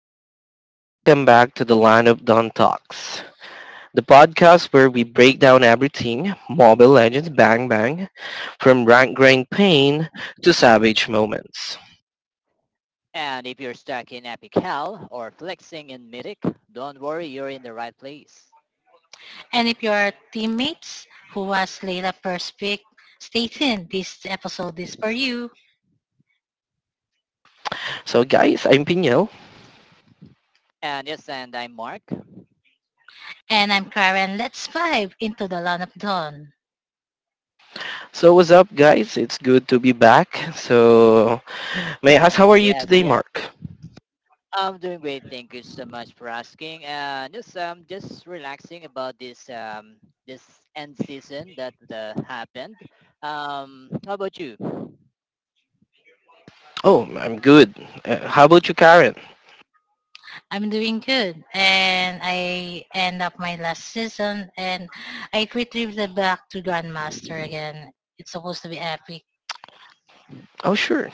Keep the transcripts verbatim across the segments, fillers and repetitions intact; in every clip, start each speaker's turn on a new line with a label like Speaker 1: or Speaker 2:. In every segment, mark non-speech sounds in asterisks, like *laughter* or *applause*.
Speaker 1: gamers? Welcome back to the Land of Dawn Talks, the podcast where we break down everything Mobile Legends Bang Bang, from rank grind pain to savage moments.
Speaker 2: And if you're stuck in Apical or flexing in Mythic, don't worry, you're in the right place.
Speaker 3: And if you are teammates who was Layla Perspic, stay tuned. This episode is for you.
Speaker 1: So, guys, I'm Pinel.
Speaker 2: And yes, and I'm Mark.
Speaker 3: And I'm Karen. Let's vibe into the Land of Dawn.
Speaker 1: So, what's up, guys? It's good to be back. So, may I ask, how are you
Speaker 2: Yes,
Speaker 1: today,
Speaker 2: yes.
Speaker 1: Mark?
Speaker 2: I'm doing great. Thank you so much for asking. And yes, I'm just relaxing about this um this end season that uh, happened. Um, how about you?
Speaker 1: Oh, I'm good. Uh, how about you, Karen?
Speaker 3: I'm doing good. And I end up my last season and I retrieved the back to Grandmaster again. It's supposed to be epic.
Speaker 1: Oh, sure.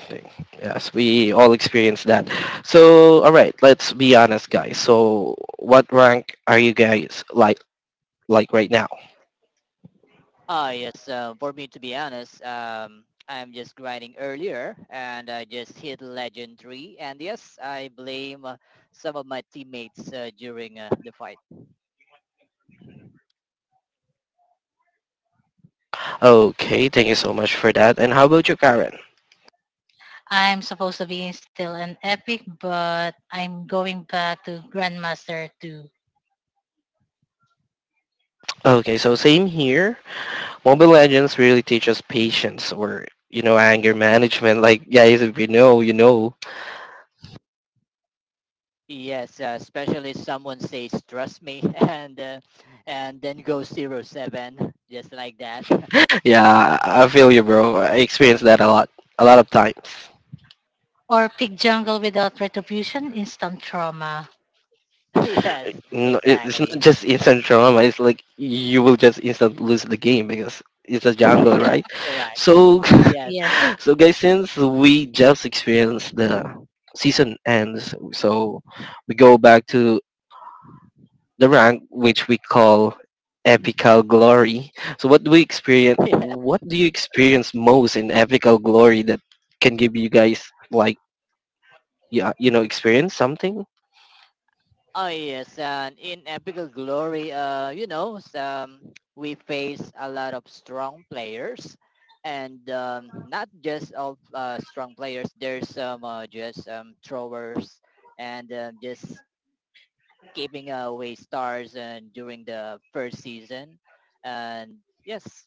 Speaker 1: Yes, we all experience that. So, all right, let's be honest, guys. So, what rank are you guys like like right now?
Speaker 2: Ah, yes. Uh, for me, to be honest, um, I'm just grinding earlier and I just hit legendary. And yes, I blame uh, some of my teammates uh, during uh, the fight.
Speaker 1: Okay, thank you so much for that. And how about you, Karen?
Speaker 3: I'm supposed to be still an epic, but I'm going back to Grandmaster two.
Speaker 1: Okay, so same here. Mobile Legends really teaches patience or, you know, anger management. Like, guys, if you know, you know. *laughs*
Speaker 2: Yes, uh, especially if someone says trust me *laughs* and uh, and then go zero seven just like that.
Speaker 1: Yeah, I feel you, bro. I experience that a lot, a lot of times.
Speaker 3: Or Pig Jungle without retribution, instant trauma.
Speaker 2: *laughs* yes,
Speaker 1: No, it- it's not
Speaker 2: exactly.
Speaker 1: just instant trauma. It's like you will just instant lose the game because it's a jungle,
Speaker 2: *laughs* yes,
Speaker 1: right?
Speaker 2: correct.
Speaker 1: So,
Speaker 2: Yes,
Speaker 3: Yes.
Speaker 2: correct.
Speaker 1: *laughs* so guys, since we just experienced the season ends, so we go back to the rank which we call epical glory. So, what do we experience?
Speaker 2: *laughs*
Speaker 1: What do you experience most in epical glory that can give you guys like yeah, you know, experience something.
Speaker 2: oh yes, and in Epical Glory, uh, you know, some, we face a lot of strong players, and um, not just all uh, strong players. There's some uh, just um, throwers and um just keeping away stars and during the first season, and yes,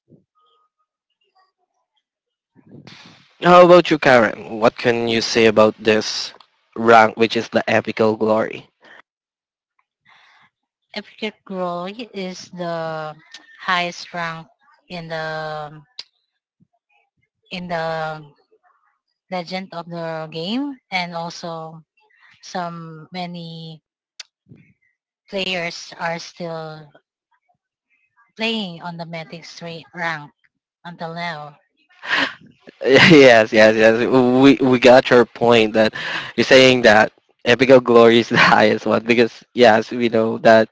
Speaker 1: How about you, Karen? What can you say about this rank, which is the epical glory?
Speaker 3: Apricot Grove is the *tsk* highest rank in the in the legend of the game, and also some many players are still playing on the Mythic Street rank until now.
Speaker 1: *laughs* Yes, yes, yes. We we got your point that you're saying that epical glory is the *laughs* highest one because yes, we know that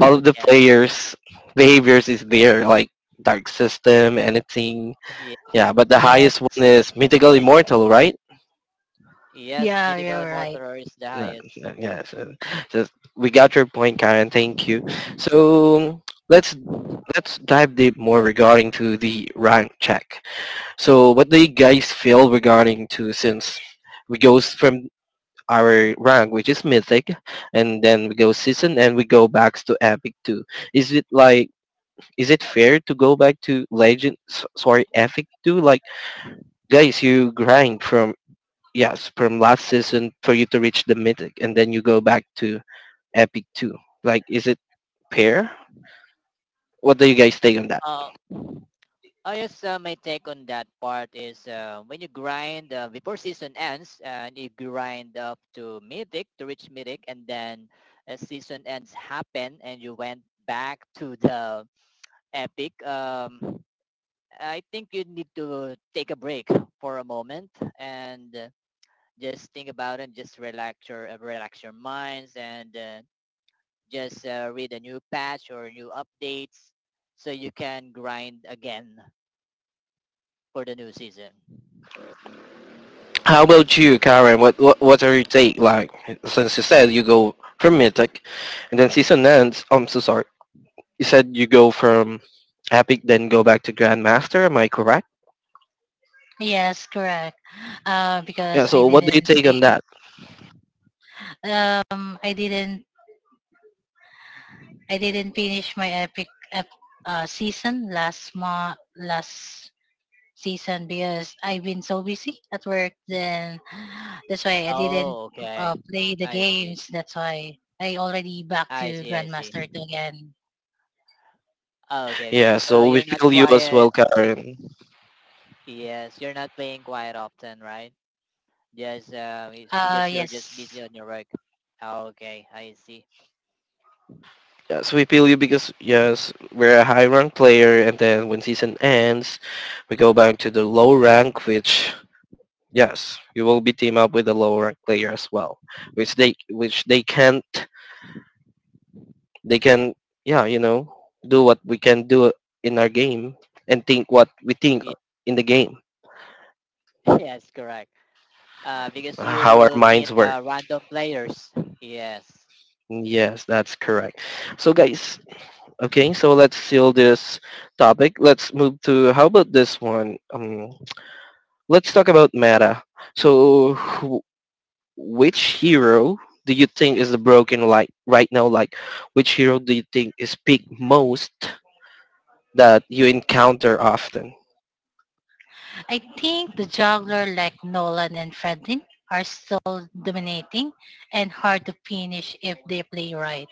Speaker 1: all of the
Speaker 2: yes,
Speaker 1: players' behaviors is there, like dark system, anything.
Speaker 2: ye-
Speaker 1: Yeah, but the highest one
Speaker 3: Yes.
Speaker 1: is mythical immortal, right?
Speaker 2: yes,
Speaker 3: Yeah,
Speaker 2: Mythical
Speaker 3: you're right.
Speaker 2: Immortal is the
Speaker 1: No,
Speaker 2: highest.
Speaker 1: no, yes. Uh, just- we got your point, Karen. Thank you. So, let's let's dive deep more regarding to the rank check. So what do you guys feel regarding to, since we goes from our rank, which is mythic, and then we go season and we go back to epic two. Is it like, is it fair to go back to legend? s- Sorry, epic two. Like guys, you grind from yes from last season for you to reach the mythic, and then you go back to epic two. Like, is it fair? What do you guys think on that?
Speaker 2: Uh, Oh yes, uh, my take on that part is uh, when you grind uh, before season ends, uh, and you grind up to mythic to reach mythic, and then uh, season ends happen, and you went back to the epic. Um, I think you need to take a break for a moment and uh, just think about it. And just relax your uh, relax your minds and uh, just uh, read a new patch or new updates so you can grind again for the new season.
Speaker 1: How about you, Karen? What what what are your take like? Since you said you go from Mythic, and then season ends. I'm so sorry. You said you go from Epic, then go back to Grandmaster. Am I correct?
Speaker 3: Yes, correct. Uh,
Speaker 1: Yeah.
Speaker 3: because I
Speaker 1: So what do you
Speaker 3: didn't
Speaker 1: take
Speaker 3: play.
Speaker 1: on that?
Speaker 3: Um, I didn't. I didn't finish my epic ep, uh, season last month. Last season because I've been so busy at work. Then *gasps* that's why I didn't
Speaker 2: Oh, okay.
Speaker 3: uh, play the
Speaker 2: I see.
Speaker 3: games. That's why I already back
Speaker 2: I
Speaker 3: to
Speaker 2: see. I see.
Speaker 3: Grandmaster two again.
Speaker 2: Oh, okay. Okay.
Speaker 1: Yeah.
Speaker 2: So
Speaker 1: So we
Speaker 2: you're not
Speaker 1: feel you as well,
Speaker 2: quiet.
Speaker 1: Karen.
Speaker 2: Yes, you're not playing quiet often, right? Just uh, it's
Speaker 3: Uh,
Speaker 2: because you're just
Speaker 3: yes.
Speaker 2: busy on your work. Oh, okay. I see.
Speaker 1: Yes, we feel you because yes, we're a high rank player, and then when season ends, we go back to the low rank, which yes, you will be team up with the low rank player as well, which they which they can't they can yeah you know do what we can do in our game and think what we think
Speaker 2: Ye-
Speaker 1: in the game
Speaker 2: *laughs* yes, correct. Uh, because you
Speaker 1: how our
Speaker 2: will meet
Speaker 1: minds work
Speaker 2: uh, random players. Yes.
Speaker 1: yes that's correct so guys okay so let's seal this topic, let's move to how about this one, um let's talk about meta. So who- which hero do you think is the broken like right now, like which hero do you think is peak most that you encounter often?
Speaker 3: I think the juggler like Nolan and Fredlin are still dominating and hard to finish if they play right.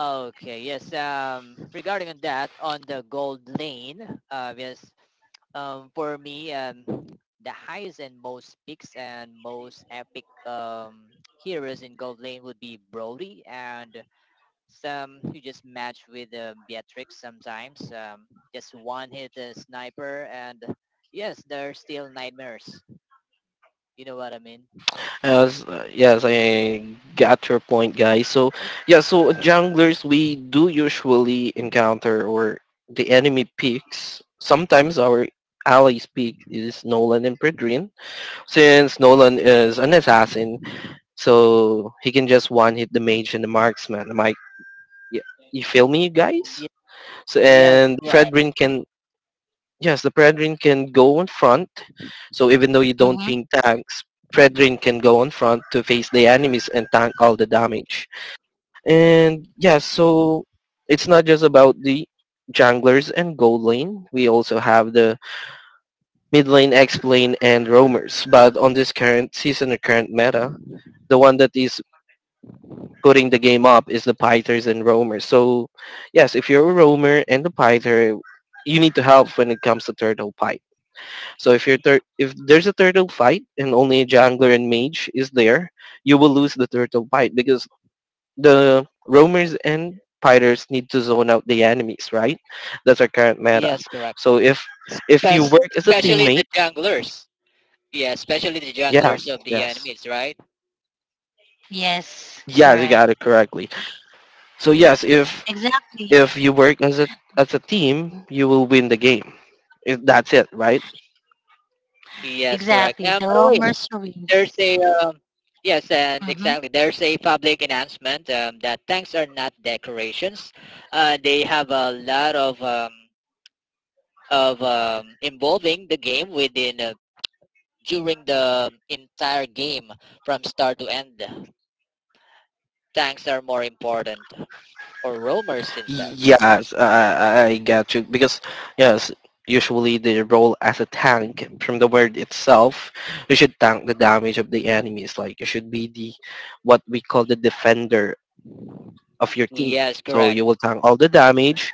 Speaker 2: Okay, yes. Um, regarding on that, on the gold lane, uh, yes, um, for me, um, the highest and most peaks and most epic um, heroes in Gold Lane would be Brody and some you just match with uh, Beatrix sometimes. Um, just one hit a sniper and yes, they're still nightmares. You know what I mean?
Speaker 1: As uh, yes, I got your point, guys. So yeah, so junglers we do usually encounter, or the enemy picks. Sometimes our allies pick is Nolan and Predrin, since Nolan is an assassin, so he can just one hit the mage and the marksman. Am I? Yeah, you feel me, guys?
Speaker 2: Ye-
Speaker 1: So,
Speaker 2: Yes,
Speaker 1: and
Speaker 2: correct.
Speaker 1: Fredrin can, yes, the Predrin can go in front. So even though you don't
Speaker 3: Mm-hmm.
Speaker 1: ping tanks, Predrin can go in front to face the enemies and tank all the damage. And yeah, so it's not just about the junglers and gold lane. We also have the mid lane, X lane, and roamers. But on this current season or current meta, the one that is putting the game up is the pythers and roamers. So yes, if you're a roamer and a pyther, you need to help when it comes to turtle pipe. So if you're tur- if there's a turtle fight and only a jungler and mage is there, you will lose the turtle fight because the roamers and fighters need to zone out the enemies, right? That's our current meta.
Speaker 2: Yes, correct.
Speaker 1: So if if you
Speaker 2: Spec-
Speaker 1: work as a
Speaker 3: Yeah.
Speaker 2: especially the
Speaker 1: teammate,
Speaker 2: junglers. Yeah, especially the
Speaker 1: yes,
Speaker 2: junglers of the
Speaker 1: yes,
Speaker 2: enemies, right?
Speaker 3: Yes.
Speaker 1: yes, you
Speaker 3: Correct.
Speaker 1: got it correctly. So yes, if
Speaker 3: Exactly.
Speaker 1: if you work as a as a team,
Speaker 3: Mhm.
Speaker 1: you will win the game. If that's it, right?
Speaker 2: Yes, correct.
Speaker 3: Exactly.
Speaker 2: Um,
Speaker 3: The
Speaker 2: by the
Speaker 3: Romer
Speaker 2: way,
Speaker 3: Serene.
Speaker 2: there's a um, yes, and
Speaker 3: Mm-hmm.
Speaker 2: exactly. There's a public announcement um, that tanks are not decorations. Uh, they have a lot of um, of um, involving the game within uh, during the entire game from start to end. Tanks are more important, or roamers since that.
Speaker 1: Yes, I, I I got you. Because, yes, usually they roll as a tank from the word itself. You should tank the damage of the enemies. Like, you should be the, what we call the defender of
Speaker 2: Y-
Speaker 1: your team.
Speaker 2: Yes,
Speaker 1: So
Speaker 2: correct.
Speaker 1: you will tank all the damage,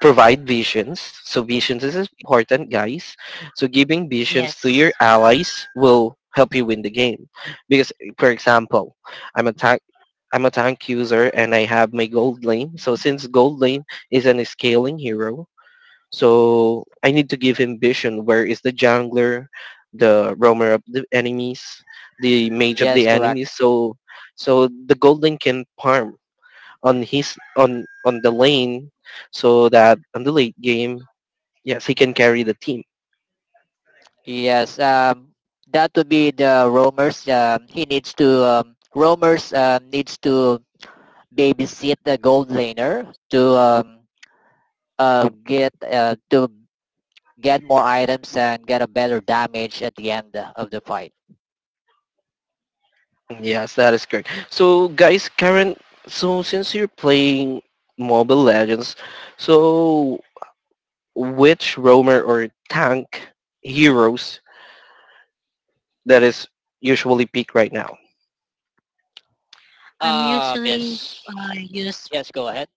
Speaker 1: provide visions. So visions is important, guys. So giving visions to your
Speaker 3: Yes.
Speaker 1: allies will help you win the game. Because, for example, I'm a tank. I'm a tank user and I have my gold lane. So since gold lane is an scaling hero, so I need to give him vision. Where is the jungler, the roamer of the enemies, the mage of
Speaker 2: Yes,
Speaker 1: the
Speaker 2: correct.
Speaker 1: enemies? So so the gold lane can farm on his on on the lane so that on the late game yes he can carry the team.
Speaker 2: Yes, um, that would be the roamers. Um, he needs to um, roamers um, needs to babysit the gold laner to um, uh, get uh, to get more items and get a better damage at the end of the fight.
Speaker 1: Yes, that is correct. So guys, Karen, so since you're playing Mobile Legends, so which roamer or tank heroes that is usually peak right now?
Speaker 3: I'm
Speaker 2: Um,
Speaker 3: usually
Speaker 2: yes,
Speaker 3: uh, use.
Speaker 2: yes, go ahead.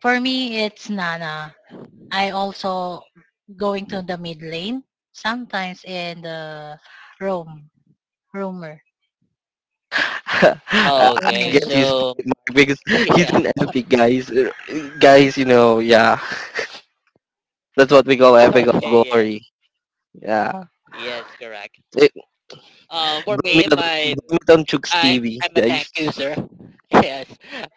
Speaker 3: For me, it's Nana. I also going to the mid lane, sometimes in the roam, roamer,
Speaker 1: *laughs* I
Speaker 2: Okay,
Speaker 1: I
Speaker 3: roamer
Speaker 1: get
Speaker 2: so
Speaker 1: his
Speaker 3: lane.
Speaker 1: point, Mark, because
Speaker 2: *laughs* yes,
Speaker 1: he's an epic guys. Uh, guys, you know, yeah, *laughs* that's what we call
Speaker 2: *laughs*
Speaker 1: epic
Speaker 2: okay, yes,
Speaker 1: glory. Yeah,
Speaker 2: yes, correct. Um, for
Speaker 1: blame
Speaker 2: me,
Speaker 1: it on,
Speaker 2: my
Speaker 1: blame it on Chuck's
Speaker 2: I
Speaker 1: T V,
Speaker 2: I'm a tank
Speaker 1: guys.
Speaker 2: user. *laughs* yes,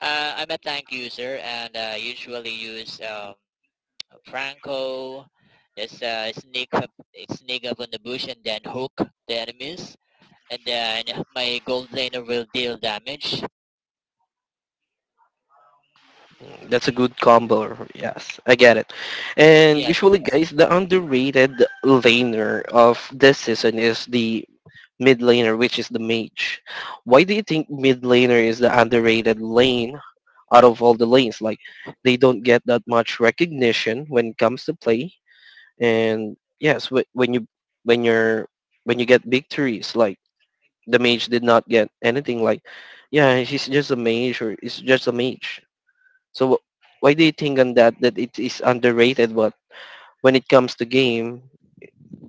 Speaker 2: uh, I'm a tank user, and uh, usually use um, a Franco. Just uh, sneak up, sneak up on the bush, and then hook the enemies, and then my gold laner will deal damage.
Speaker 1: That's a good combo. Yes, I get it. And
Speaker 2: Yes.
Speaker 1: usually, guys, the underrated laner of this season is the mid laner, which is the mage. Why do you think mid laner is the underrated lane out of all the lanes? Like, they don't get that much recognition when it comes to play. And yes, wh- when you, when you're, when you get victories, like the mage did not get anything like yeah he's just a mage, or it's just a mage. So wh- why do you think on that, that it is underrated, but when it comes to game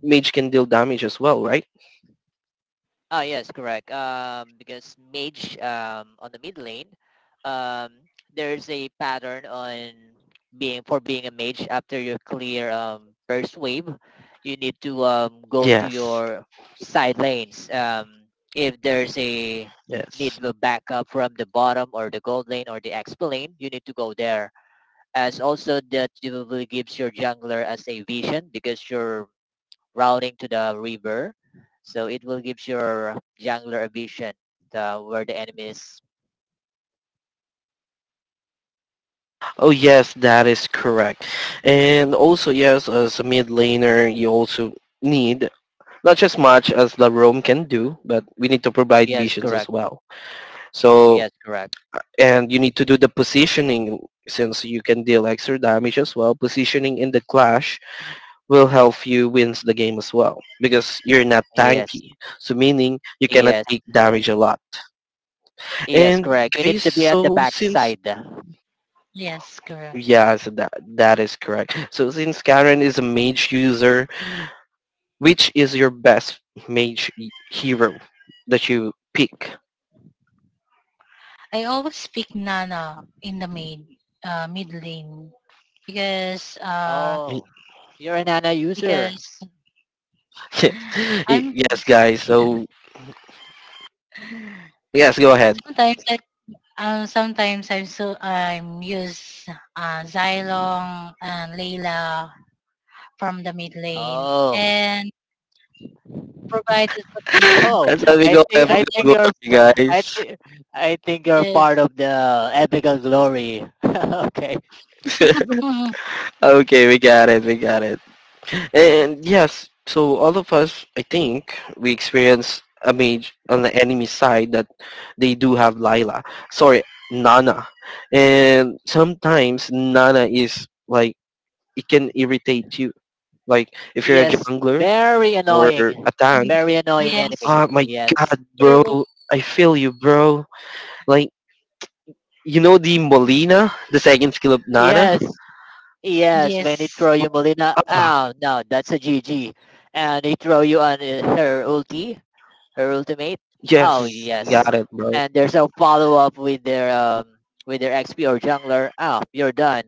Speaker 1: mage can deal damage as well, right?
Speaker 2: Oh yes, correct. Um, because mage um, on the mid lane, um, there's a pattern on being for being a mage. After you clear um, first wave, you need to um, go to
Speaker 1: Yes,
Speaker 2: your side lanes. Um, if there's a need
Speaker 1: yes.
Speaker 2: of backup from the bottom or the gold lane or the exp lane, you need to go there. As also that you will gives your jungler as a vision because your routing to the river. So it will give your jungler a vision uh, where the enemy is.
Speaker 1: Oh yes, that is correct. And also yes, as a mid laner you also need, not just much as the roam can do, but we need to provide
Speaker 2: Yes,
Speaker 1: visions as
Speaker 2: correct.
Speaker 1: well. So,
Speaker 2: Yes, correct.
Speaker 1: and you need to do the positioning since you can deal extra damage as well. Positioning in the clash will help you wins the game as well because you're not
Speaker 2: Yes,
Speaker 1: tanky. So meaning you cannot
Speaker 2: yes,
Speaker 1: take damage a lot.
Speaker 2: yes,
Speaker 1: And
Speaker 2: correct. You need
Speaker 1: guys,
Speaker 2: to be at the
Speaker 1: so
Speaker 2: back
Speaker 1: since
Speaker 2: side.
Speaker 3: Yes, correct.
Speaker 1: yeah, so that that is correct. So since Karen is a mage user, which is your best mage hero that you pick?
Speaker 3: I always pick Nana in the mid, uh, mid lane because uh
Speaker 2: Oh,
Speaker 1: *laughs*
Speaker 2: you're an Ana user.
Speaker 3: because *sighs* I'm
Speaker 1: Yes, guys. So yes, go ahead.
Speaker 3: sometimes. I um Sometimes I'm so I'm use uh Xylong and Layla from the mid lane
Speaker 2: Oh,
Speaker 3: and provided
Speaker 2: *laughs*
Speaker 3: content.
Speaker 1: *laughs*
Speaker 2: oh,
Speaker 1: That's how we
Speaker 2: I
Speaker 1: go
Speaker 2: think
Speaker 3: So
Speaker 1: every
Speaker 2: I think
Speaker 1: go,
Speaker 2: you're
Speaker 3: Gemini's,
Speaker 2: p- I
Speaker 1: guys.
Speaker 2: think I think you're part
Speaker 3: yes.
Speaker 2: of the epical glory. *laughs* okay.
Speaker 1: *laughs*
Speaker 3: Mhm,
Speaker 1: Okay, we got it, we got it. And yes, so all of us, I think, we experience a mage on the enemy side that they do have Lila. Sorry, Nana. And sometimes Nana is like, it can irritate you. Like, if you're a
Speaker 2: Yes,
Speaker 1: jungler
Speaker 2: very
Speaker 1: or
Speaker 2: annoying,
Speaker 1: a tank,
Speaker 3: mhm.
Speaker 2: very annoying enemy.
Speaker 3: Yes,
Speaker 1: oh my
Speaker 2: Yes,
Speaker 1: god, bro,
Speaker 3: true.
Speaker 1: I feel you, bro. Like, you know the Molina, the second skill of Nana?
Speaker 2: yes, yes, when he
Speaker 3: Yes,
Speaker 2: throw you Molina,
Speaker 1: Ah,
Speaker 2: oh no, that's a G G. And he throw you on uh, her ulti, her ultimate. Oh
Speaker 1: yes,
Speaker 2: yes.
Speaker 1: got it, bro.
Speaker 2: And there's a follow up with their um with their X P or jungler. Oh, you're done.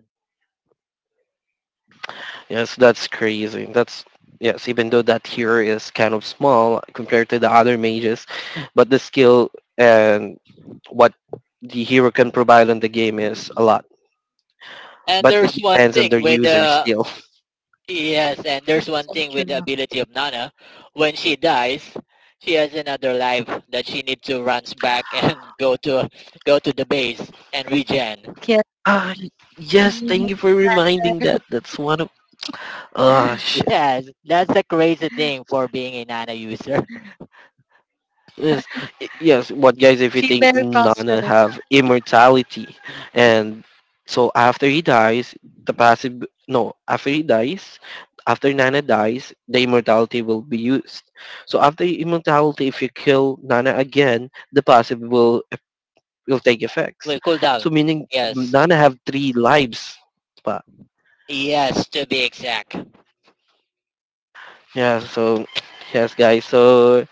Speaker 1: Yes, that's crazy. That's yes, even though that hero is kind of small compared to the other mages, but the skill and what the hero can provide on the game is a lot.
Speaker 2: And
Speaker 1: But it
Speaker 2: there's one
Speaker 1: depends on
Speaker 2: thing
Speaker 1: the
Speaker 2: with
Speaker 1: user
Speaker 2: the
Speaker 1: still. *laughs*
Speaker 2: yes, and there's one
Speaker 3: so
Speaker 2: thing with the
Speaker 3: true.
Speaker 2: ability of Nana. When she dies, she has another life that she needs to runs back and *laughs* go to go to the base and regen.
Speaker 3: Yes,
Speaker 1: Ah, y-
Speaker 3: she
Speaker 1: yes, thank
Speaker 3: needed
Speaker 1: you for reminding that. That's one of, ah
Speaker 3: that. *laughs*
Speaker 1: shit.
Speaker 2: Yes, that's the crazy thing for being a nano user.
Speaker 1: Yes, y- yes. But guys, if you
Speaker 3: She
Speaker 1: think
Speaker 3: very
Speaker 1: Nana
Speaker 3: prosper.
Speaker 1: have immortality, and so after he dies, the passive, no, after he dies, after Nana dies, the immortality will be used. So after immortality, if you kill Nana again, the passive will will take
Speaker 2: *laughs*
Speaker 1: effects.
Speaker 2: will cool down.
Speaker 1: So meaning
Speaker 2: Yes.
Speaker 1: Nana have three lives. Pa.
Speaker 2: Yes, to be exact. *laughs*
Speaker 1: Yeah. So *tsk* yes, guys. So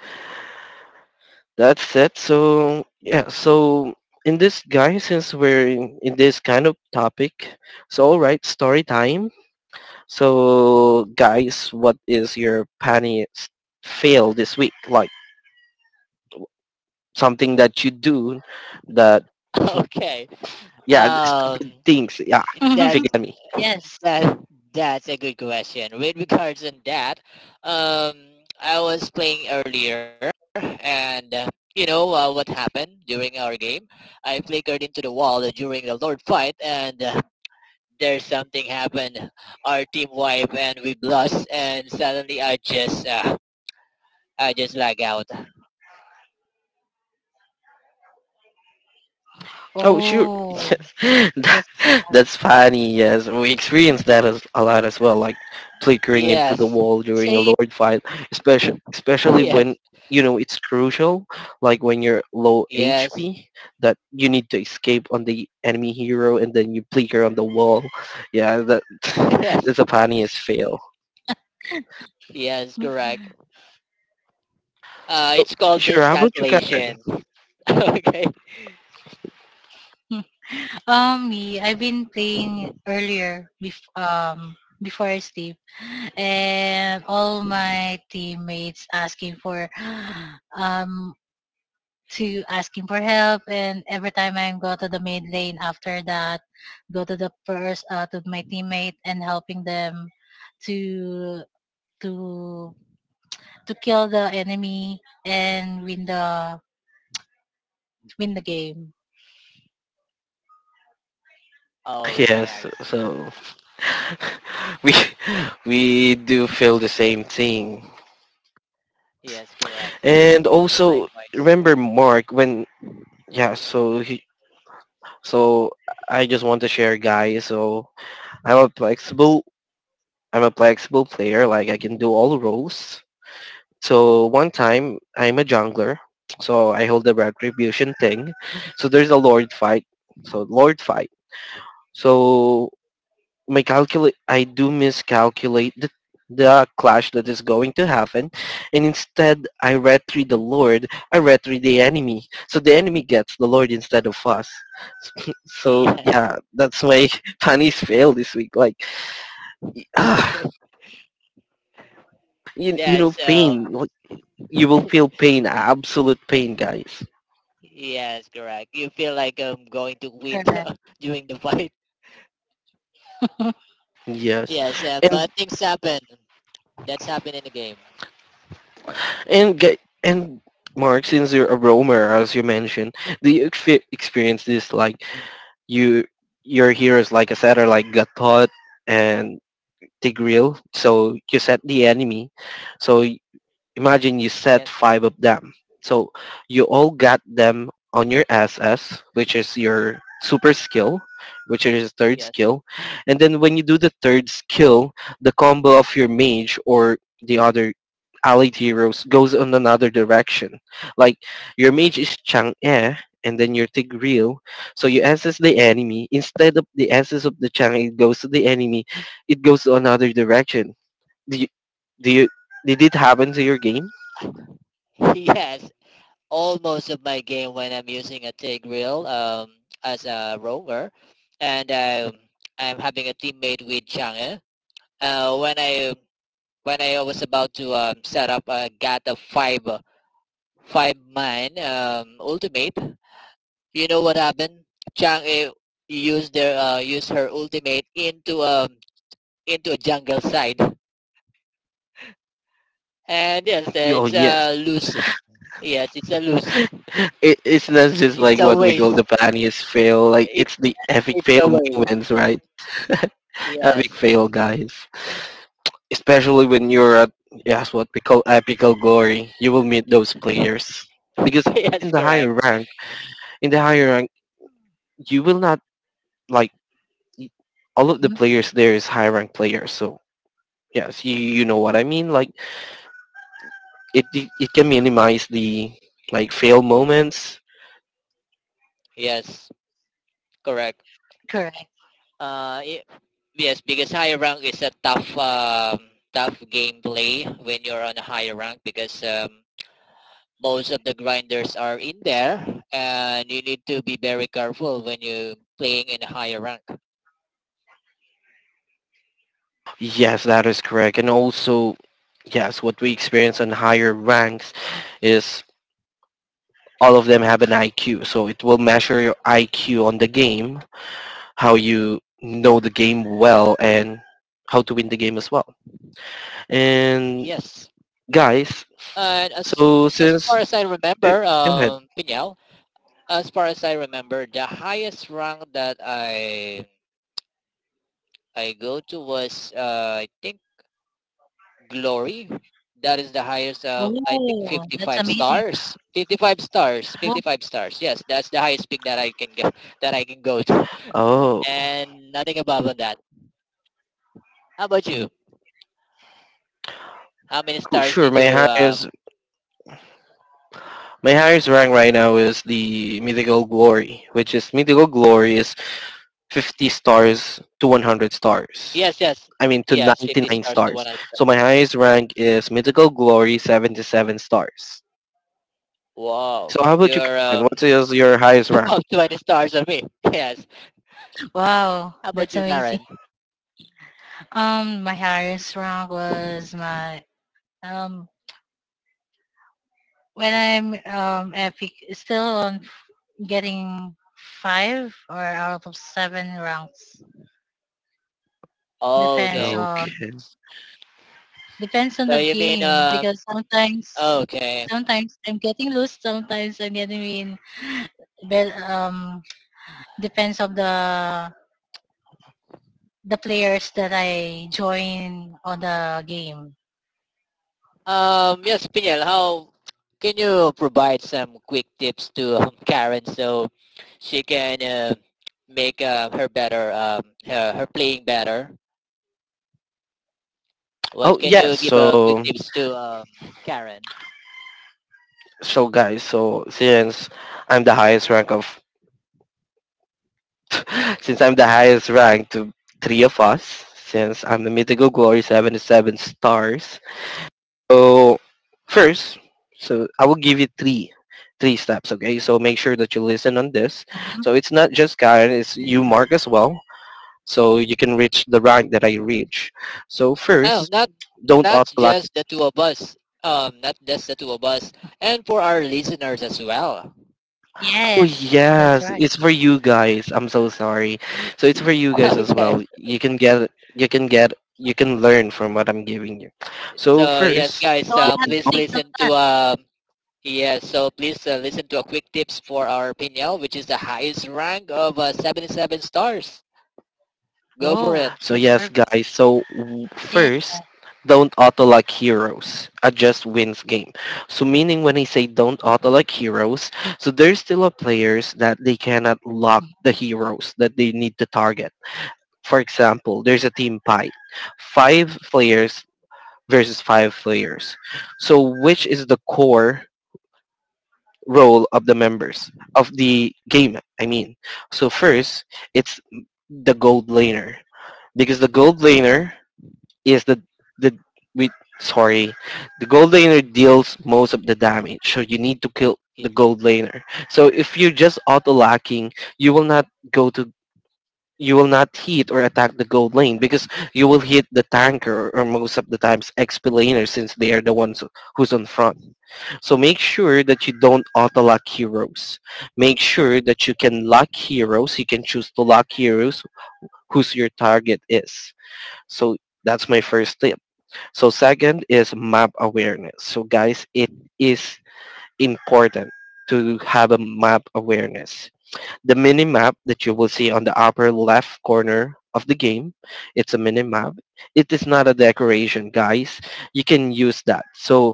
Speaker 1: that's it. So yeah, so in this guy, since we're in, in this kind of topic, so all right, story time. So guys, what is your funniest fail this week? Like something that you do that
Speaker 2: okay.
Speaker 1: yeah, *laughs* stupid
Speaker 2: Um,
Speaker 1: things. Yeah,
Speaker 3: *laughs*
Speaker 1: if you
Speaker 2: that's
Speaker 1: get me.
Speaker 3: Yes.
Speaker 2: that. That's a good question. With regards on that, um, I was playing earlier, and uh, you know uh, what happened during our game. I flickered into the wall during the Lord fight, and uh, there's something happened. Our team wiped, and we lost. And suddenly, I just uh, I just lag out.
Speaker 1: Oh, sure. *laughs*
Speaker 3: Oh,
Speaker 1: Yes.
Speaker 3: that's
Speaker 1: That- That's funny. Yes. We experienced that as, a lot as well, like flickering into the
Speaker 2: Yes,
Speaker 1: wall during a
Speaker 3: same.
Speaker 1: Lord fight, especially especially
Speaker 2: yes,
Speaker 1: when you know it's crucial, like when you're low
Speaker 2: yes,
Speaker 1: H P, that you need to escape on the enemy hero and then you flicker on the wall. Yeah, that *laughs*
Speaker 2: *laughs* yes,
Speaker 1: that's a funniest fail.
Speaker 2: yes, correct. Uh,
Speaker 1: Oh,
Speaker 2: it's called
Speaker 1: sure. How about you, Karen?
Speaker 2: miscalculation. *laughs* okay.
Speaker 3: Um, me, I've been playing earlier bef um before I sleep, and all my teammates asking for *gasps* um to asking for help, and every time I go to the mid lane after that, go to the first uh, to my teammate and helping them to to to kill the enemy and win the win the game.
Speaker 1: *laughs*
Speaker 2: Okay,
Speaker 1: Yes.
Speaker 2: I see.
Speaker 1: So we *laughs* we do feel the same thing.
Speaker 2: Yes, correct.
Speaker 1: And also
Speaker 2: Likewise.
Speaker 1: remember Mark when yeah, so he so I just want to share guys, so I'm a flexible, I'm a flexible player, like I can do all roles. So one time I'm a jungler, so I hold the retribution thing. So there's a lord fight. So lord fight. So my calculate I do miscalculate the the clash that is going to happen, and instead I retrieve the Lord, I retrieve the enemy. So the enemy gets the Lord instead of us. *laughs* So
Speaker 2: Yes,
Speaker 1: yeah, that's my *laughs* funniest fail this week. Like, ah
Speaker 2: *laughs* okay.
Speaker 1: you, you know
Speaker 2: That's, uh,
Speaker 1: pain. Like, you will feel
Speaker 2: *laughs*
Speaker 1: pain,
Speaker 2: y-
Speaker 1: absolute pain, guys.
Speaker 2: yes, correct. You feel like I'm going to quit
Speaker 3: Correct.
Speaker 2: *laughs* during the fight.
Speaker 3: *laughs*
Speaker 1: Yes.
Speaker 2: Yes, uh, but
Speaker 1: And
Speaker 2: things happen. That's happened in the game.
Speaker 1: and gu- and Mark, since you're a roamer, as you mentioned, do you expe- experience this? Like, you, your heroes, like I said, are like Gatot and Tigreal, so you set the enemy. So imagine you set
Speaker 2: Yes,
Speaker 1: five of them. So you all got them on your S S, which is your super skill, which is your third
Speaker 2: yes,
Speaker 1: skill. And then when you do the third skill, the combo of your mage or the other allied heroes goes on another direction. Like your mage is Chang'e and then your Tigreal. So you S S the enemy. Instead of the S S of the Chang'e, it goes to the enemy. It goes to another direction. Do you, do you, did it happen to your game?
Speaker 2: *laughs* yes. All most of my game when I'm using a T I G reel um, as a roamer, and um, I'm having a teammate with Chang'e. Uh, when I when I was about to um, set up a G A T five five man um, ultimate, you know what happened? Chang'e used their uh, used her ultimate into um into a jungle side, and yes, uh,
Speaker 1: Oh
Speaker 2: it's
Speaker 1: yes,
Speaker 2: a loose. Yes, it's a loose.
Speaker 1: *laughs* it, it's not just
Speaker 2: It's
Speaker 1: like
Speaker 2: a
Speaker 1: what we call
Speaker 2: waste.
Speaker 1: the funniest fail. Like
Speaker 2: It,
Speaker 1: it's the epic
Speaker 2: it's a
Speaker 1: fail
Speaker 2: waste.
Speaker 1: moments, right? Epic
Speaker 2: Yes.
Speaker 1: fail, guys. Especially when you're at, yes, what we call epical glory. You will meet those players because
Speaker 2: *laughs*
Speaker 1: in
Speaker 2: yes,
Speaker 1: the
Speaker 2: correct.
Speaker 1: higher rank, in the higher rank, you will not, like, y- all of the
Speaker 3: Mhm.
Speaker 1: players there is high rank players. So yes, you you know what I mean. Like it it it can minimize the, like, fail moments.
Speaker 2: Yes, correct.
Speaker 3: Correct.
Speaker 2: Uh, y- yes, because higher rank is a tough, um, tough gameplay when you're on a higher rank because um, most of the grinders are in there, and you need to be very careful when you playing in a higher rank.
Speaker 1: Yes, that is correct. And also, yes, what we experience in higher ranks is all of them have an I Q. So it will measure your I Q on the game, how you know the game well and how to win the game as well. And
Speaker 2: Yes,
Speaker 1: guys,
Speaker 2: and as
Speaker 1: so
Speaker 2: as
Speaker 1: since,
Speaker 2: far as I
Speaker 1: eh,
Speaker 2: remember,
Speaker 1: go ahead.
Speaker 2: um, Pinyao, as far as I remember, the highest rank that I I go to was uh, I think glory. That is the highest. Uh, I think
Speaker 3: Oh, that's
Speaker 2: fifty-five
Speaker 3: amazing.
Speaker 2: stars. Fifty-five stars.
Speaker 3: Wo-
Speaker 2: Fifty-five stars. Yes, that's the highest peak that I can go that I can go to,
Speaker 1: Oh,
Speaker 2: *laughs* and nothing above than that. How about you? How many
Speaker 1: cool,
Speaker 2: stars
Speaker 1: sure.
Speaker 2: did
Speaker 1: My
Speaker 2: you? Um,
Speaker 1: highest my highest rank right now is the mythical glory, which is mythical glory is fifty stars to one hundred stars.
Speaker 2: yes, yes,
Speaker 1: I mean, to
Speaker 2: yes. Fifty
Speaker 1: ninety-nine
Speaker 2: stars to one
Speaker 1: stars.
Speaker 2: hundred. Stars.
Speaker 1: So my highest rank is Mythical Glory, seventy-seven stars.
Speaker 2: Wow,
Speaker 1: So how about you,
Speaker 2: you're
Speaker 1: Kevin? What
Speaker 2: um,
Speaker 1: is your highest
Speaker 2: *laughs*
Speaker 1: rank?
Speaker 2: above twenty stars on me. *laughs* yes.
Speaker 3: Wow,
Speaker 2: How about
Speaker 3: that's
Speaker 2: you,
Speaker 3: amazing.
Speaker 2: Karen?
Speaker 3: Um, my highest rank was my um when I'm um, epic, still on f- getting five or out of seven rounds. Depends
Speaker 2: Okay.
Speaker 3: on
Speaker 1: Okay.
Speaker 3: depends on
Speaker 2: So
Speaker 3: the
Speaker 2: you mean,
Speaker 3: game,
Speaker 2: um,
Speaker 3: because sometimes
Speaker 2: okay.
Speaker 3: sometimes I'm getting loose, sometimes I'm getting win. But um, depends on the the players that I join on the game.
Speaker 2: Um, yes, Pinel, how can you provide some quick tips to um, Karen so she can uh, make uh, her better, um, her, her playing better? What
Speaker 1: Oh,
Speaker 2: can
Speaker 1: yes.
Speaker 2: you give uh, quick
Speaker 1: So,
Speaker 2: tips to um, Karen?
Speaker 1: so guys, so since I'm the highest rank of, *laughs* since I'm the highest rank to three of us, since I'm the Mythical Glory, seventy-seven stars. So, first, so I will give you three three steps, okay? So make sure that you listen on this,
Speaker 3: Mhm.
Speaker 1: so it's not just Karen, it's you, Mark, as well, so you can reach the rank that I reach. So
Speaker 2: Oh,
Speaker 1: first,
Speaker 2: not
Speaker 1: don't
Speaker 2: not
Speaker 1: auto-lock.
Speaker 2: just the two of us. Um, not just the two of us, and for our listeners as well.
Speaker 1: Oh
Speaker 3: Yes, that's
Speaker 1: yes,
Speaker 3: right.
Speaker 1: it's for you guys. I'm so sorry. So it's for you guys
Speaker 2: *laughs*
Speaker 1: as
Speaker 2: okay.
Speaker 1: well. You can get, you can get, you can learn from what I'm giving you. So
Speaker 2: So yes,
Speaker 1: first,
Speaker 2: guys,
Speaker 3: So I
Speaker 2: uh,
Speaker 1: one,
Speaker 3: have to
Speaker 2: please
Speaker 3: take
Speaker 1: don't.
Speaker 3: the
Speaker 2: listen
Speaker 3: plan.
Speaker 2: to um, yes, so please uh, listen to a quick tips for our Pinyao, which is the highest rank of uh, seventy-seven stars. Go for it.
Speaker 3: Whoa,
Speaker 1: So
Speaker 3: that's
Speaker 1: yes,
Speaker 3: perfect.
Speaker 1: guys. So w-
Speaker 3: Yeah,
Speaker 1: first. Don't auto-lock heroes. Adjust wins game. So meaning when I say don't auto-lock heroes, so there's still a players that they cannot lock the heroes that they need to target. For example, there's a team fight. Five players versus five players. So which is the core role of the members of the game, I mean. So first, it's the gold laner, because the gold laner is the the we sorry, the gold laner deals most of the damage. So you need to kill
Speaker 2: Y-
Speaker 1: the gold laner. So if you're just auto lacking, you will not go to you will not hit or attack the gold lane, because you will hit the tanker or most of the times X P laner since they are the ones who's on front. So make sure that you don't auto-lock heroes. Make sure that you can lock heroes. You can choose to lock heroes whose your target is. So that's my first tip. So second is map awareness. So guys, it is important to have a map awareness, the minimap that you will see on the upper left corner of the game. It's a minimap. It is not a decoration, guys. You can use that. So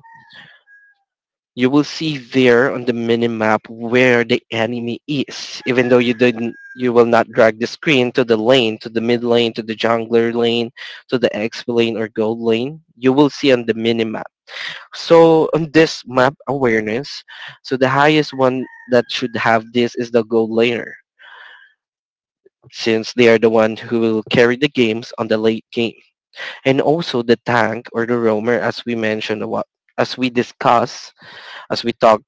Speaker 1: you will see there on the minimap where the enemy is. Even though you didn't you will not drag the screen to the lane, to the mid lane, to the jungler lane, to the X P lane or gold lane. You will see on the minimap. So on this map awareness, so the highest one that should have this is the gold laner, since they are the one who will carry the games on the late game. And also the tank or the roamer, as we mentioned, a as we discuss, as we talk,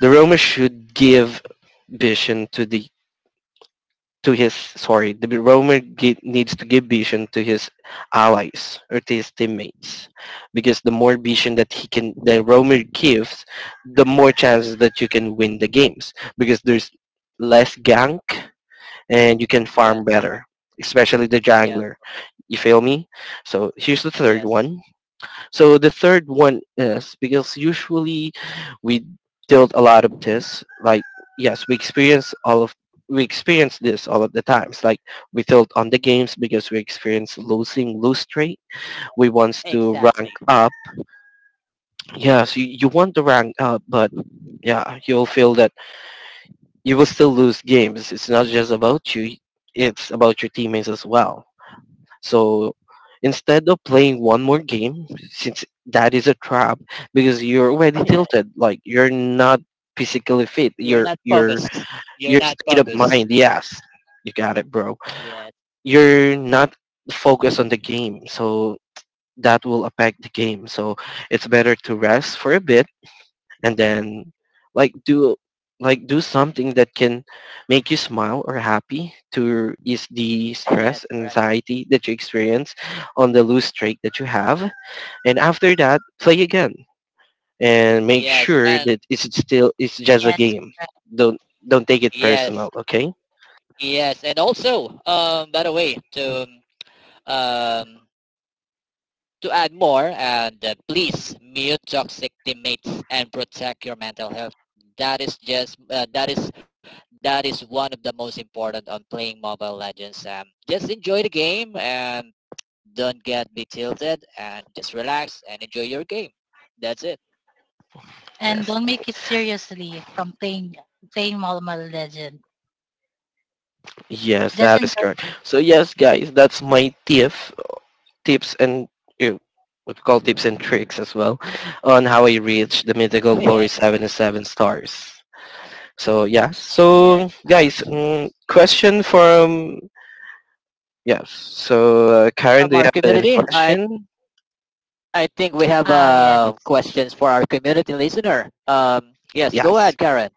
Speaker 1: the roamer should give vision to the to his sorry, the roamer gi- needs to give vision to his allies or to his teammates, because the more vision that he can, the roamer gives, the more chances that you can win the games, because there's less gank and you can farm
Speaker 2: Yes,
Speaker 1: better,
Speaker 2: correct.
Speaker 1: especially the
Speaker 2: Yes,
Speaker 1: jungler. You feel me? So here's the third
Speaker 2: yes.
Speaker 1: one. So the third one is because usually we tilt a lot of this. Like yes, we experience all of we experience this all of the times. Like we tilt on the games because we experience losing lose streak. We wants to rank
Speaker 2: Exactly.
Speaker 1: up. Yes, you, you want to rank up, but yeah, you'll feel that you will still lose games. It's not just about you; it's about your teammates as well. So instead of playing one more game, since that is a trap, because you're already
Speaker 2: *laughs* yes.
Speaker 1: tilted, like you're not physically fit.
Speaker 2: You're
Speaker 1: Your
Speaker 2: not
Speaker 1: your
Speaker 2: focused. You're
Speaker 1: your
Speaker 2: not
Speaker 1: state of
Speaker 2: focused.
Speaker 1: mind, yes, you got it, bro.
Speaker 2: Yes,
Speaker 1: You're not focused on the game, so that will affect the game. So it's better to rest for a bit, and then, like, do like do something that can make you smile or happy, to ease the
Speaker 2: *laughs* yes,
Speaker 1: stress
Speaker 2: correct.
Speaker 1: and anxiety that you experience on the loose streak that you have, and after that, play again, and make
Speaker 2: Yes,
Speaker 1: sure
Speaker 2: and
Speaker 1: that, it's still it's just a
Speaker 3: yes,
Speaker 1: game.
Speaker 3: right.
Speaker 1: Don't don't take it
Speaker 2: yes,
Speaker 1: personal, okay?
Speaker 2: yes. And also, um, by the way, to um, To add more, and uh, please mute toxic teammates and protect your mental health. That is just uh, that is that is one of the most important on playing Mobile Legends. Um, just enjoy the game and don't get be tilted and just relax and enjoy your game. That's it. *laughs*
Speaker 3: And don't
Speaker 1: Yes,
Speaker 3: make it seriously from playing playing Mobile Legend.
Speaker 1: yes,
Speaker 3: Just
Speaker 1: that is
Speaker 3: enjoy.
Speaker 1: correct. So yes, guys, that's my tip tips and, you know, we call tips and tricks as well, on how I reach the mythical
Speaker 2: yes,
Speaker 1: glory seven and seven stars. So yeah, so
Speaker 2: yes. Uh,
Speaker 1: guys, mm, question from yes. So uh, Karen,
Speaker 2: from
Speaker 1: do you
Speaker 2: our
Speaker 1: have any
Speaker 2: community, I
Speaker 1: question?
Speaker 2: I think we have
Speaker 3: Oh yeah.
Speaker 2: uh, questions for our community listener. Um, yes, go
Speaker 1: Yes.
Speaker 2: ahead, Karen.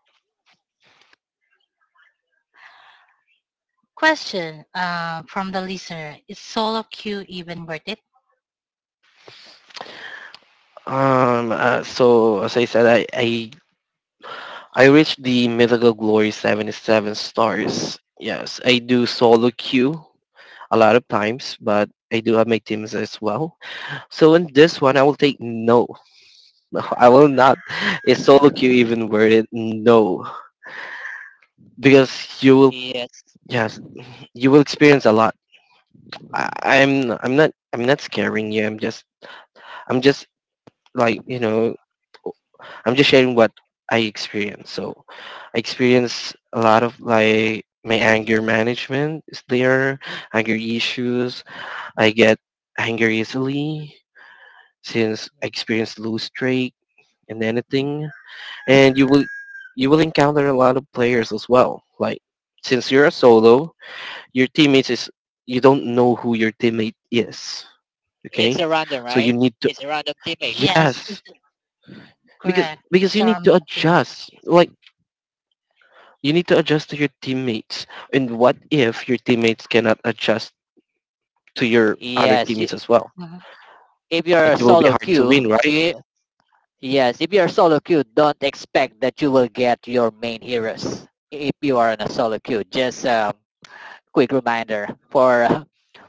Speaker 3: Question uh, from the listener: is solo queue even worth it?
Speaker 1: Um. Uh, so as I said, I I I reached the mythical glory seventy seven stars. Yes, I do solo queue a lot of times, but I do have my teams as well. So in this one, I will take no no, I will not. Is solo queue even worth it? No, because you will.
Speaker 2: Yes,
Speaker 1: Yes, you will experience a lot. I, I'm. I'm not. I'm not scaring you. I'm just. I'm just, like, you know. I'm just sharing what I experience. So, I experience a lot of, like, my anger management is there. Anger issues. I get anger easily since I experienced lose streak and anything. And you will you will encounter a lot of players as well. Like since you're a solo, your teammates is you don't know who your teammate is.
Speaker 2: it's
Speaker 1: Okay,
Speaker 2: a random,
Speaker 1: so
Speaker 2: right?
Speaker 1: you need to
Speaker 2: It's a random teammates.
Speaker 3: Yes, it's
Speaker 1: yes, because
Speaker 3: correct.
Speaker 1: because
Speaker 3: It's
Speaker 1: you need
Speaker 3: around
Speaker 1: to
Speaker 3: the teammate.
Speaker 1: adjust. Like you need to adjust to your teammates. And what if your teammates cannot adjust to your other
Speaker 2: Yes. y-
Speaker 1: teammates as well?
Speaker 3: Mhm.
Speaker 2: if you're
Speaker 1: It
Speaker 2: a
Speaker 1: will be
Speaker 2: solo
Speaker 1: hard to win,
Speaker 2: queue,
Speaker 1: right?
Speaker 2: you, yes, if you're a solo queue, don't expect that you will get your main heroes. If you are in a solo queue, just um, quick reminder for *laughs* uh,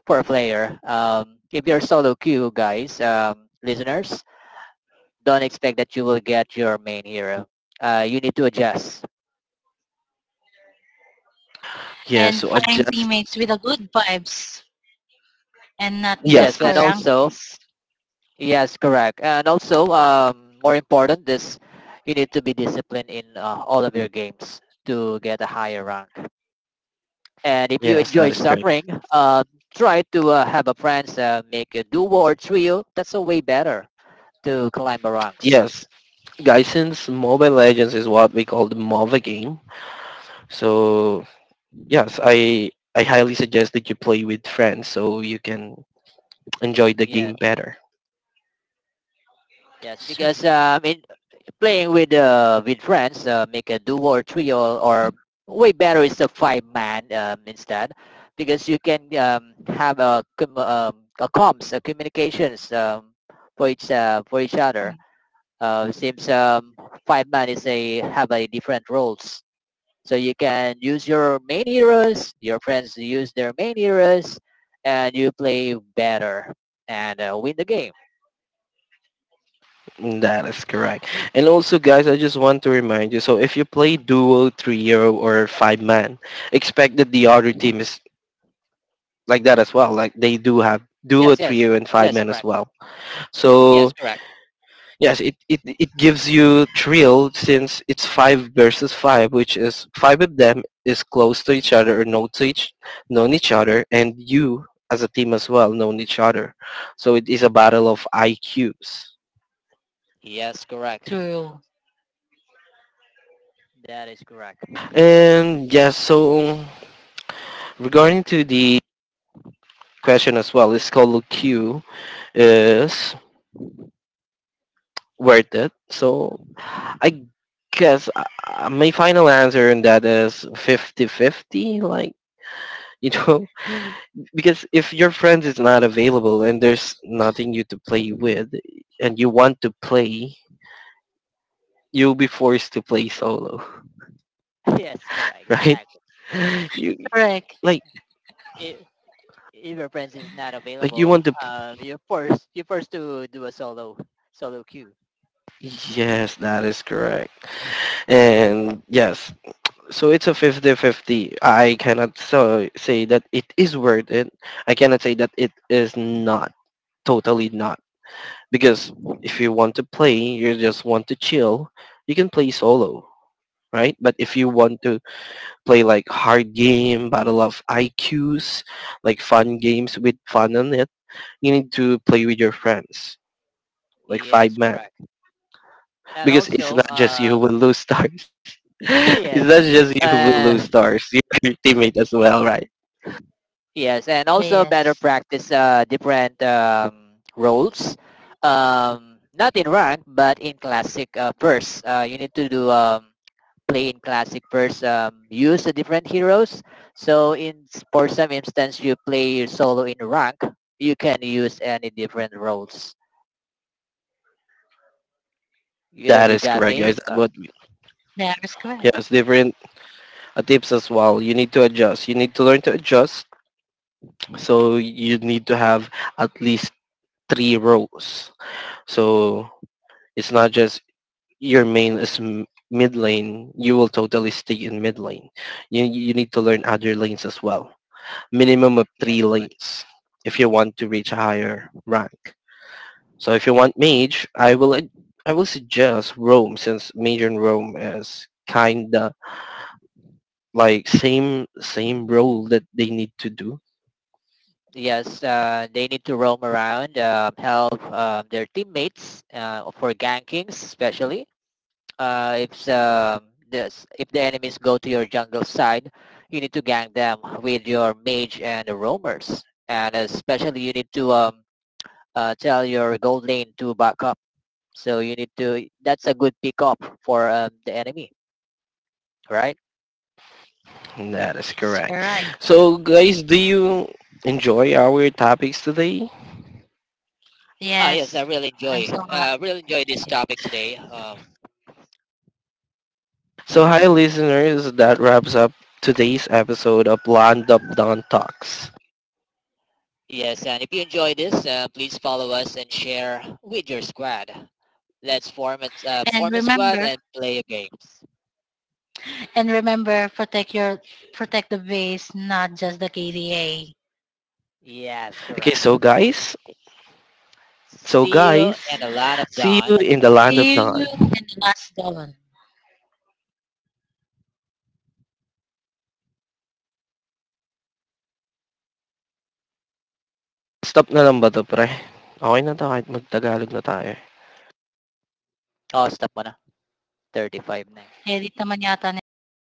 Speaker 2: for a player. Um, if you're solo queue, guys, um, listeners, don't expect that you will get your main hero. Uh, you need to adjust.
Speaker 1: Yeah.
Speaker 3: And
Speaker 1: So
Speaker 3: find
Speaker 1: adjust.
Speaker 3: teammates with a good vibes and not
Speaker 1: Yes,
Speaker 3: just
Speaker 2: Yes, and
Speaker 3: for
Speaker 1: that's
Speaker 2: also
Speaker 3: ranks.
Speaker 2: yes, correct. And also, um, more important is you need to be disciplined in uh, all of your games to get a higher rank. And if you
Speaker 1: yes,
Speaker 2: enjoy
Speaker 1: that is correct.
Speaker 2: suffering, um, try to uh, have a friends uh, make a duo or trio. That's a way better to climb the ranks.
Speaker 1: Yes, guys, since Mobile Legends is what we call the MOBA game, so yes, I I highly suggest that you play with friends so you can enjoy the game
Speaker 2: Yes,
Speaker 1: better.
Speaker 2: yes,
Speaker 3: So,
Speaker 2: because um, in playing with uh, with friends, uh, make a duo or trio, or way better is a five man um, instead, because you can um, have a, com- um, a comms, a communications um, for each uh, for each
Speaker 3: mhm.
Speaker 2: other. Uh, seems um, five man is a have a different roles, so you can use your main heroes, your friends use their main heroes, and you play better and uh, win the game.
Speaker 1: Mm, that is correct. And also, guys, I just want to remind you, so if you play duo, trio or five man, expect that the other team is like that as well. Like they do have duo,
Speaker 2: Yes, yes,
Speaker 1: trio and five
Speaker 2: yes,
Speaker 1: man as
Speaker 2: correct.
Speaker 1: well.
Speaker 2: Yes,
Speaker 1: So
Speaker 2: correct.
Speaker 1: yes, it, it, it gives you thrill since it's five versus five, which is five of them is close to each other or know to each known each other, and you as a team as well known each other. So it is a battle of I Qs.
Speaker 2: Yes, correct.
Speaker 3: True.
Speaker 2: That is correct.
Speaker 1: And yes, so regarding to the question as well, it's called Q is worth it. So I guess, uh, uh, my final answer on that is fifty-fifty, like, you know. *laughs* Because if
Speaker 2: Y-
Speaker 1: your friend
Speaker 2: Yes,
Speaker 1: is not available and there's nothing you to play with, and you want to play, you'll be forced to play solo.
Speaker 2: *laughs* yes, correct,
Speaker 1: *laughs* Right,
Speaker 2: exactly.
Speaker 1: you,
Speaker 3: Correct.
Speaker 1: like,
Speaker 2: If if your friends is not
Speaker 1: like you
Speaker 2: available,
Speaker 1: want to,
Speaker 2: um, you're forced you're forced to do a solo solo queue.
Speaker 1: yes, that is correct. And yes, so it's a fifty-fifty. I cannot, so, say that it is worth it. I cannot say that it is not totally not, because if you want to play, you just want to chill, you can play solo, right? But if you want to play like hard game, battle of I Qs, like fun games with fun on it, you need to play with your friends, like five
Speaker 2: Yes,
Speaker 1: man,
Speaker 2: correct. And
Speaker 1: because it's
Speaker 2: also,
Speaker 1: not just you who
Speaker 2: um,
Speaker 1: will lose stars. *laughs*
Speaker 2: *laughs*
Speaker 1: It's
Speaker 2: yes,
Speaker 1: not just you who will lose
Speaker 2: uh,
Speaker 1: stars. *laughs* Your teammate as well, right?
Speaker 2: yes, and also better
Speaker 3: Yes.
Speaker 2: practice uh different um roles, um, not in rank but in classic uh, verse. Uh, you need to do um play in classic first. Um, use the different heroes. So in for some instance, you play your solo in rank. You can use any different roles. You know,
Speaker 1: That
Speaker 2: you
Speaker 1: is
Speaker 2: got
Speaker 1: correct,
Speaker 2: me.
Speaker 1: guys. That
Speaker 2: Uh,
Speaker 1: what
Speaker 3: That is correct.
Speaker 1: yes, different, uh, tips as well. You need to adjust. You need to learn to adjust. So you need to have at least three rows. So it's not just your main is, m- mid lane, you will totally stay in mid lane. You you need to learn other lanes as well. Minimum of
Speaker 2: yes,
Speaker 1: three lanes if you want to reach a higher rank. So if you want mage, I will ad- I will suggest Rome since mage and Rome is kinda like same same role that they need to do.
Speaker 2: yes. Uh, they need to roam around, um help um, their teammates uh, for gankings, especially. Uh, if the, this, if the enemies go to your jungle side, you need to gank them with your mage and the roamers. And especially you need to um, uh, tell your gold lane to back up. So you need to, that's a good pick up for um, the enemy, right?
Speaker 1: That is
Speaker 3: Yes, you're
Speaker 1: correct.
Speaker 3: right.
Speaker 1: So guys, do you enjoy our topics today?
Speaker 2: Ah, yes, I
Speaker 3: Yes.
Speaker 2: really
Speaker 3: I'm
Speaker 2: enjoy,
Speaker 3: so
Speaker 2: uh, really enjoy this
Speaker 3: happy.
Speaker 2: topic today. Uh,
Speaker 1: So hi listeners, that wraps up today's episode of Land Up Don Talks.
Speaker 2: yes, and if you enjoy this, uh, please follow us and share with your squad. Let's form a, uh,
Speaker 3: And
Speaker 2: form a squad
Speaker 3: remember,
Speaker 2: and play games.
Speaker 3: And remember, protect your protect the base, not just the K D A.
Speaker 2: Yes,
Speaker 1: Okay,
Speaker 2: correct.
Speaker 1: so guys, so
Speaker 2: See you in
Speaker 1: guys,
Speaker 2: the Land of
Speaker 1: see you
Speaker 2: Dawn.
Speaker 1: in the Land of
Speaker 3: See you
Speaker 1: Don.
Speaker 3: in the last dawn.
Speaker 1: Stop na lang ba to, pre? Okay na to, kahit magtagalog na tayo.
Speaker 2: Oh, stop mo na. Thirty-five na eh.
Speaker 3: Edit naman yata nila yun eh.